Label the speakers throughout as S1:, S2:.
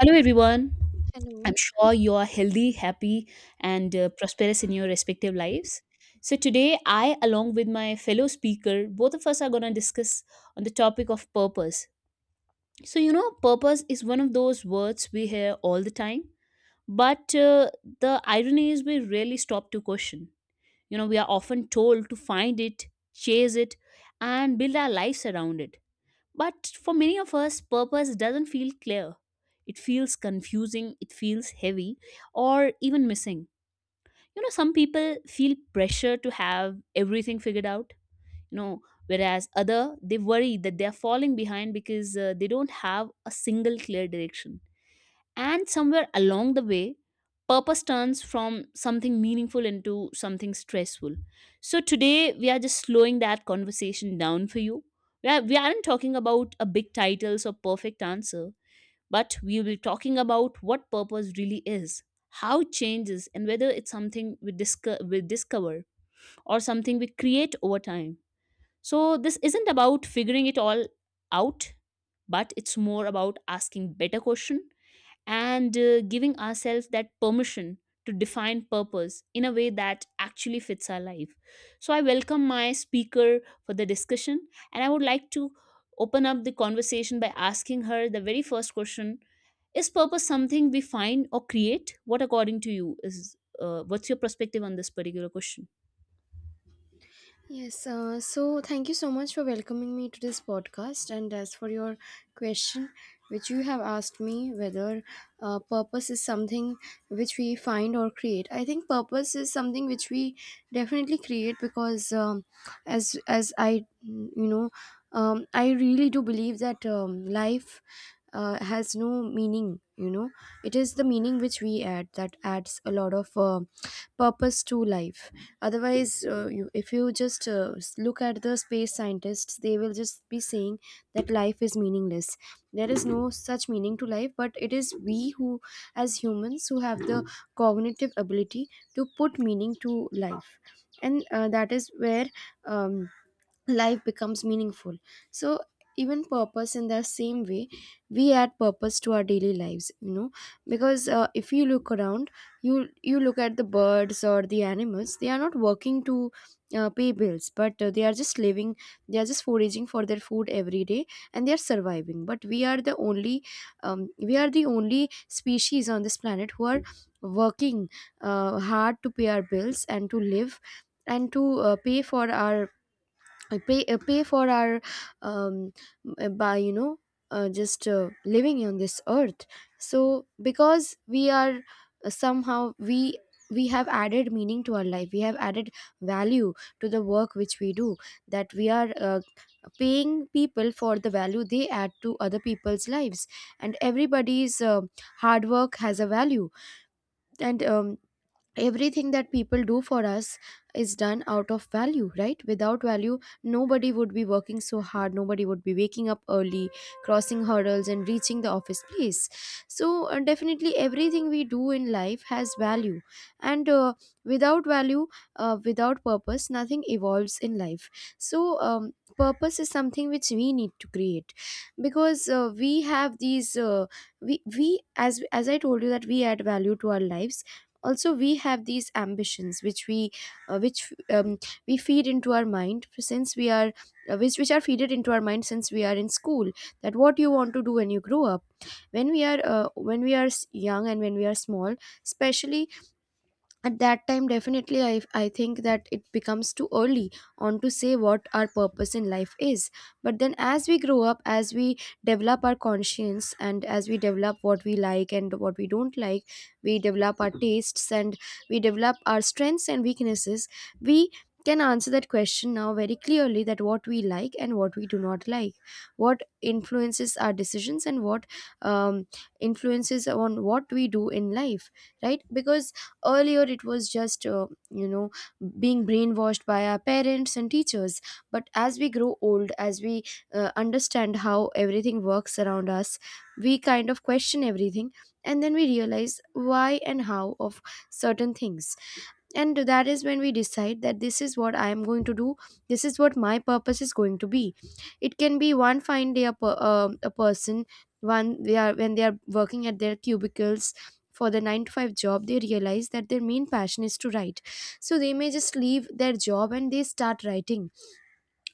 S1: Hello, everyone. I'm
S2: Hello.
S1: sure you are healthy, happy, and prosperous in your respective lives. So today, I, along with my fellow speaker, both of us are going to discuss on the topic of purpose. So, you know, purpose is one of those words we hear all the time, but the irony is we rarely stop to question. You know, we are often told to find it, chase it, and build our lives around it, but for many of us, purpose doesn't feel clear. It feels confusing, it feels heavy, or even missing. You know, some people feel pressure to have everything figured out, you know, whereas other they worry that they are falling behind because they don't have a single clear direction, and somewhere along the way, purpose turns from something meaningful into something stressful. So today we are just slowing that conversation down for you. We aren't talking about a big titles or perfect answer, but we will be talking about what purpose really is, how it changes, and whether it's something we discover or something we create over time. So this isn't about figuring it all out, but it's more about asking better question, and giving ourselves that permission to define purpose in a way that actually fits our life. So I welcome my speaker for the discussion, and I would like to open up the conversation by asking her the very first question. Is purpose something we find or create? What, according to you, is what's your perspective on this particular question?
S2: Yes. Thank you so much for welcoming me to this podcast. And as for your question, which you have asked me whether purpose is something which we find or create, I think purpose is something which we definitely create because as I really do believe that life has no meaning. You know, it is the meaning which we add that adds a lot of purpose to life. Otherwise, if you just look at the space scientists, they will just be saying that life is meaningless. There is no such meaning to life, but it is we who as humans who have the cognitive ability to put meaning to life. And that is where um, life becomes meaningful. So even purpose in the same way, we add purpose to our daily lives, you know, because if you look around you look at the birds or the animals. They are not working to pay bills, but they are just living, they are just foraging for their food every day, and they are surviving. But we are the only species on this planet who are working hard to pay our bills and to live, and to pay for our um, by you know just living on this earth. So because we are somehow, we have added meaning to our life, we have added value to the work which we do, that we are paying people for the value they add to other people's lives. And everybody's hard work has a value. And everything that people do for us is done out of value, right? Without value nobody would be working so hard, nobody would be waking up early, crossing hurdles and reaching the office place. So definitely everything we do in life has value. And without value, without purpose nothing evolves in life. So purpose is something which we need to create because we have these we as I told you that we add value to our lives. Also we have these ambitions which uh, which um, we feed into our mind since we are which are feeded into our mind since we are in school, that what you want to do when you grow up. When we are when we are young and when we are small especially, at that time, definitely I think that it becomes too early on to say what our purpose in life is. But then as we grow up, as we develop our conscience and as we develop what we like and what we don't like, we develop our tastes and we develop our strengths and weaknesses. We can answer that question now very clearly, that what we like and what we do not like, what influences our decisions and what um, influences on what we do in life. Right? Because earlier, it was just, you know, being brainwashed by our parents and teachers. But as we grow old, as we understand how everything works around us, we kind of question everything. And then we realize why and how of certain things. And that is when we decide that this is what I am going to do, this is what my purpose is going to be. It can be one fine day a person, one they are, when they are working at their cubicles for the 9 to 5 job, they realize that their main passion is to write. So they may just leave their job and they start writing.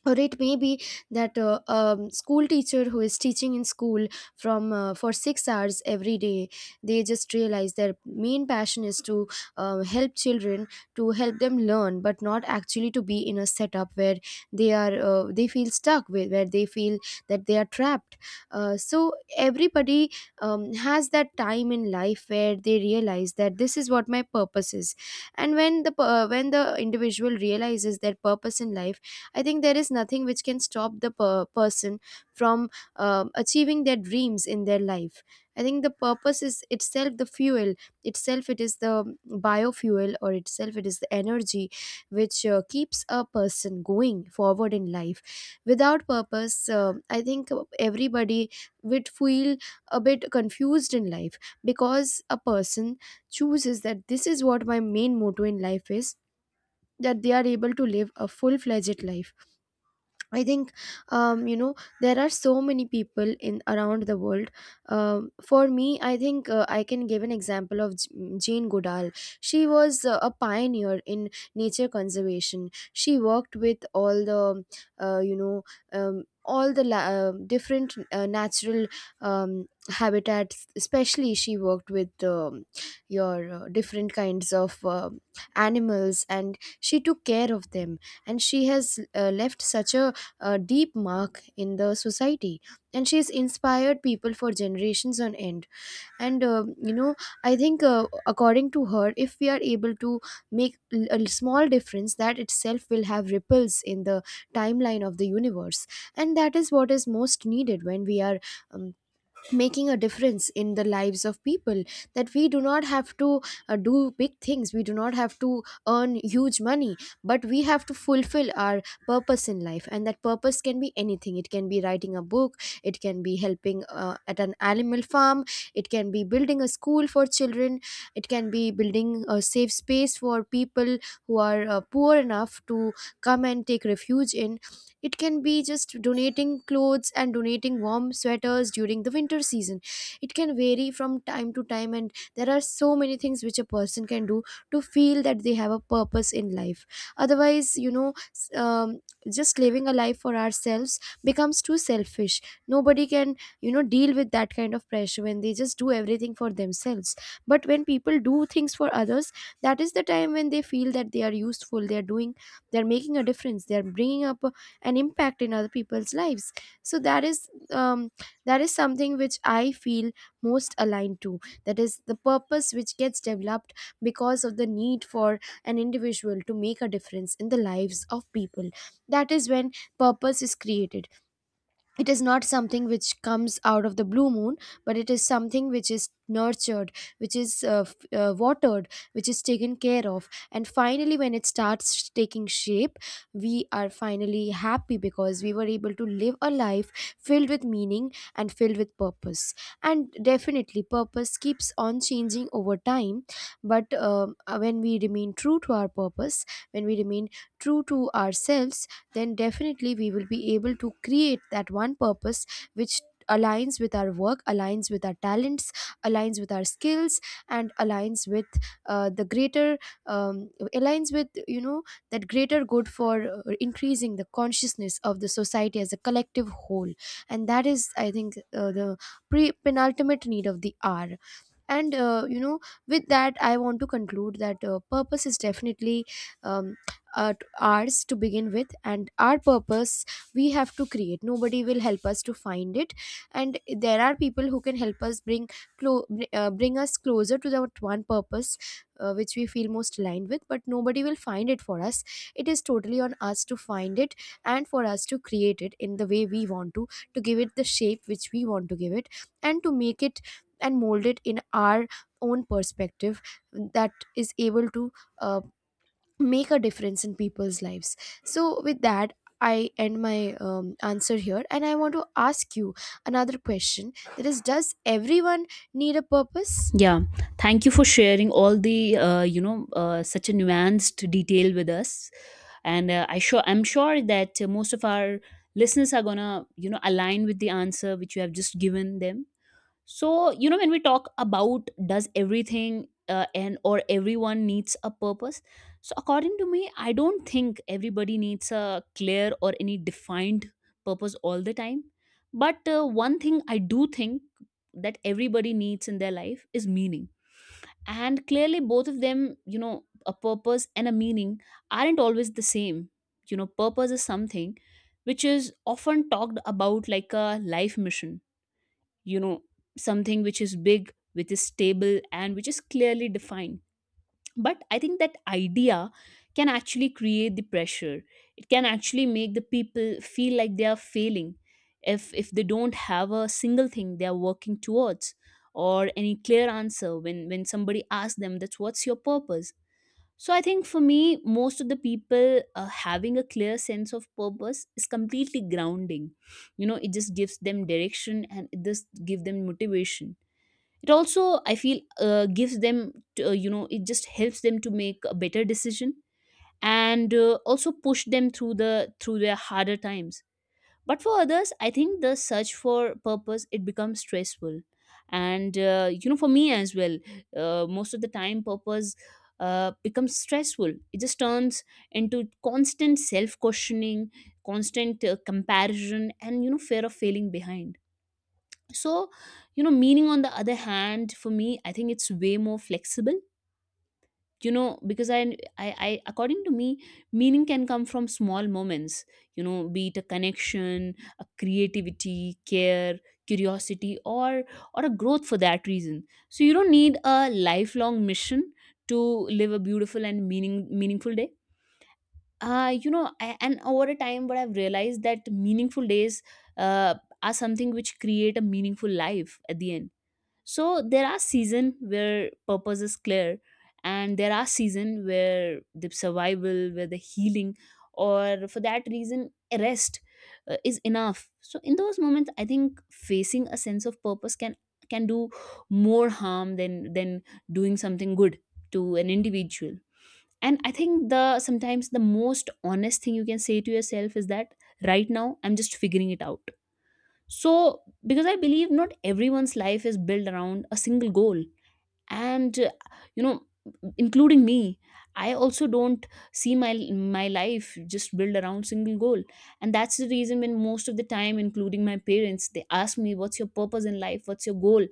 S2: Or it may be that school teacher who is teaching in school from for 6 hours every day, they just realize their main passion is to help children, to help them learn, but not actually to be in a setup where they are they feel stuck, with where they feel that they are trapped. So everybody has that time in life where they realize that this is what my purpose is. And when the when the individual realizes their purpose in life, I think there is nothing which can stop the person from achieving their dreams in their life. I think the purpose is itself the fuel, itself it is the biofuel, or itself it is the energy which keeps a person going forward in life. Without purpose, I think everybody would feel a bit confused in life, because a person chooses that this is what my main motto in life is, that they are able to live a full fledged life. I think um, you know there are so many people in around the world. For me, I think I can give an example of Jane Goodall. She was a pioneer in nature conservation. She worked with all the uh, you know all the different natural habitats. Especially, she worked with your different kinds of animals, and she took care of them. And she has left such a deep mark in the society, and she's inspired people for generations on end. And I think according to her, if we are able to make a small difference, that itself will have ripples in the timeline of the universe. And that is what is most needed when we are um, making a difference in the lives of people, that we do not have to do big things, we do not have to earn huge money, but we have to fulfill our purpose in life. And that purpose can be anything. It can be writing a book, it can be helping at an animal farm, it can be building a school for children, it can be building a safe space for people who are poor enough to come and take refuge in, it can be just donating clothes and donating warm sweaters during the winter season. It can vary from time to time, and there are so many things which a person can do to feel that they have a purpose in life. Otherwise, you know, just living a life for ourselves becomes too selfish. Nobody can, you know, deal with that kind of pressure when they just do everything for themselves. But when people do things for others, that is the time when they feel that they are useful, they are doing, they are making a difference, they are bringing up an impact in other people's lives. So that is something which I feel most aligned to. That is the purpose which gets developed because of the need for an individual to make a difference in the lives of people. That is when purpose is created. It is not something which comes out of the blue moon, but it is something which is nurtured, which is watered, which is taken care of. And finally when it starts taking shape, we are finally happy because we were able to live a life filled with meaning and filled with purpose. And definitely purpose keeps on changing over time. But when we remain true to our purpose, when we remain true to ourselves, then definitely we will be able to create that one purpose which aligns with our work, aligns with our talents, aligns with our skills, and aligns with the greater um, aligns with, you know, that greater good for increasing the consciousness of the society as a collective whole. And that is, I think, the pre penultimate need of the hour. And with that I want to conclude that purpose is definitely um, ours to begin with. And our purpose we have to create, nobody will help us to find it. And there are people who can help us bring bring us closer to that one purpose which we feel most aligned with. But nobody will find it for us, it is totally on us to find it, and for us to create it in the way we want to give it the shape which we want to give it, and to make it and mold it in our own perspective, that is able to uh, make a difference in people's lives. So with that I end my answer here, and I want to ask you another question, that is, does everyone need a purpose?
S1: Yeah, thank you for sharing all the such a nuanced detail with us, and I'm sure that most of our listeners are gonna, you know, align with the answer which you have just given them. So you know, when we talk about does everything and or everyone needs a purpose, so according to me, I don't think everybody needs a clear or any defined purpose all the time. But one thing I do think that everybody needs in their life is meaning, and clearly both of them, you know, a purpose and a meaning, aren't always the same. You know, purpose is something which is often talked about like a life mission, you know, something which is big, which is stable, and which is clearly defined, but I think that idea can actually create the pressure. It can actually make the people feel like they are failing if they don't have a single thing they are working towards, or any clear answer when somebody asks them that's what's your purpose. So I think for me, most of the people having a clear sense of purpose is completely grounding. You know, it just gives them direction and it just give them motivation. It also, I feel, gives them, it just helps them to make a better decision, and also push them through the through their harder times. But for others, I think the search for purpose it becomes stressful, and you know, for me as well, most of the time purpose becomes stressful. It just turns into constant self questioning, constant comparison and, you know, fear of failing behind. So you know, meaning on the other hand, for me, I think it's way more flexible. You know, because I according to me, meaning can come from small moments. You know, be it a connection, a creativity, care, curiosity, or a growth, for that reason. So you don't need a lifelong mission to live a beautiful and meaningful day. And over a time what I've realized, that meaningful days uh, are something which create a meaningful life at the end. So there are season where purpose is clear, and there are season where the survival, where the healing, or for that reason rest, is enough. So in those moments I think facing a sense of purpose can do more harm than doing something good to an individual. And I think the sometimes the most honest thing you can say to yourself is that right now I'm just figuring it out. So because I believe not everyone's life is built around a single goal, and you know, including me, I also don't see my life just built around single goal, and that's the reason when most of the time, including my parents, they ask me, "What's your purpose in life? What's your goal?"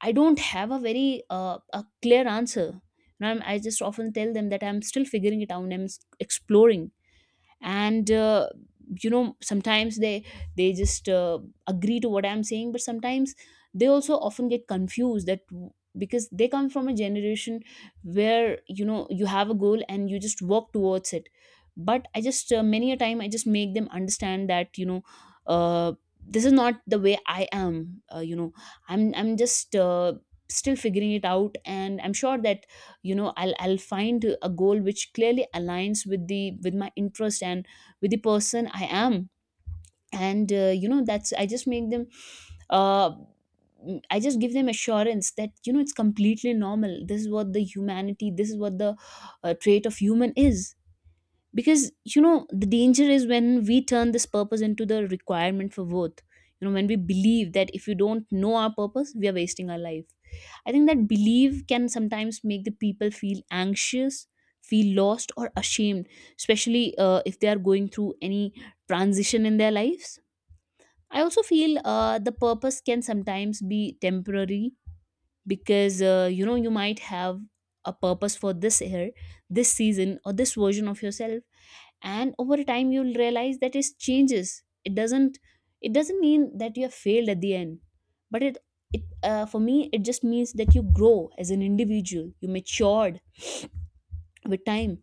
S1: I don't have a very a clear answer. And I'm, I just often tell them that I'm still figuring it out. Exploring, and you know, sometimes they just agree to what I'm saying, but sometimes they also often get confused, that because they come from a generation where, you know, you have a goal and you just walk towards it. But I just many a time I just make them understand that, you know, uh, this is not the way I am, I'm just still figuring it out. And I'm sure that, you know, I'll find a goal which clearly aligns with the with my interest and with the person I am. And you know that's I just make them uh I just give them assurance that, you know, it's completely normal. This is what the trait of human is. Because you know, the danger is when we turn this purpose into the requirement for worth. You know, when we believe that if we don't know our purpose we are wasting our life. I think that belief can sometimes make the people feel anxious, feel lost or ashamed, especially if they are going through any transition in their lives. I also feel the purpose can sometimes be temporary, because you know, you might have a purpose for this year, this season, or this version of yourself, and over time you'll realize that it changes. It doesn't it doesn't mean that you have failed at the end, but it for me it just means that you grow as an individual, you matured with time.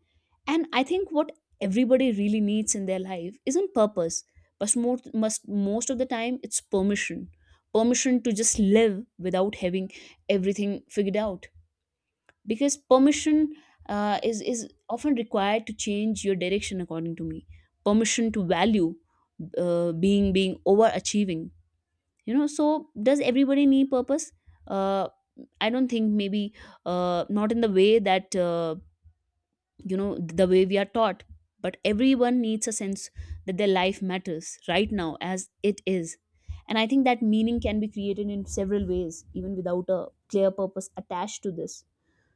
S1: And I think what everybody really needs in their life isn't purpose, but most of the time it's permission. Permission to just live without having everything figured out. Because permission is often required to change your direction, according to me. Permission to value, being overachieving, you know. So does everybody need purpose? uh, I don't think. Maybe not in the way that, you know, the way we are taught, but everyone needs a sense that their life matters right now as it is. And I think that meaning can be created in several ways, even without a clear purpose attached to this.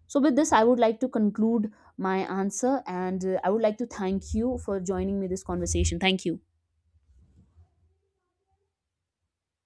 S1: So with this, I would like to conclude my answer, and I would like to thank you for joining me this conversation. Thank you.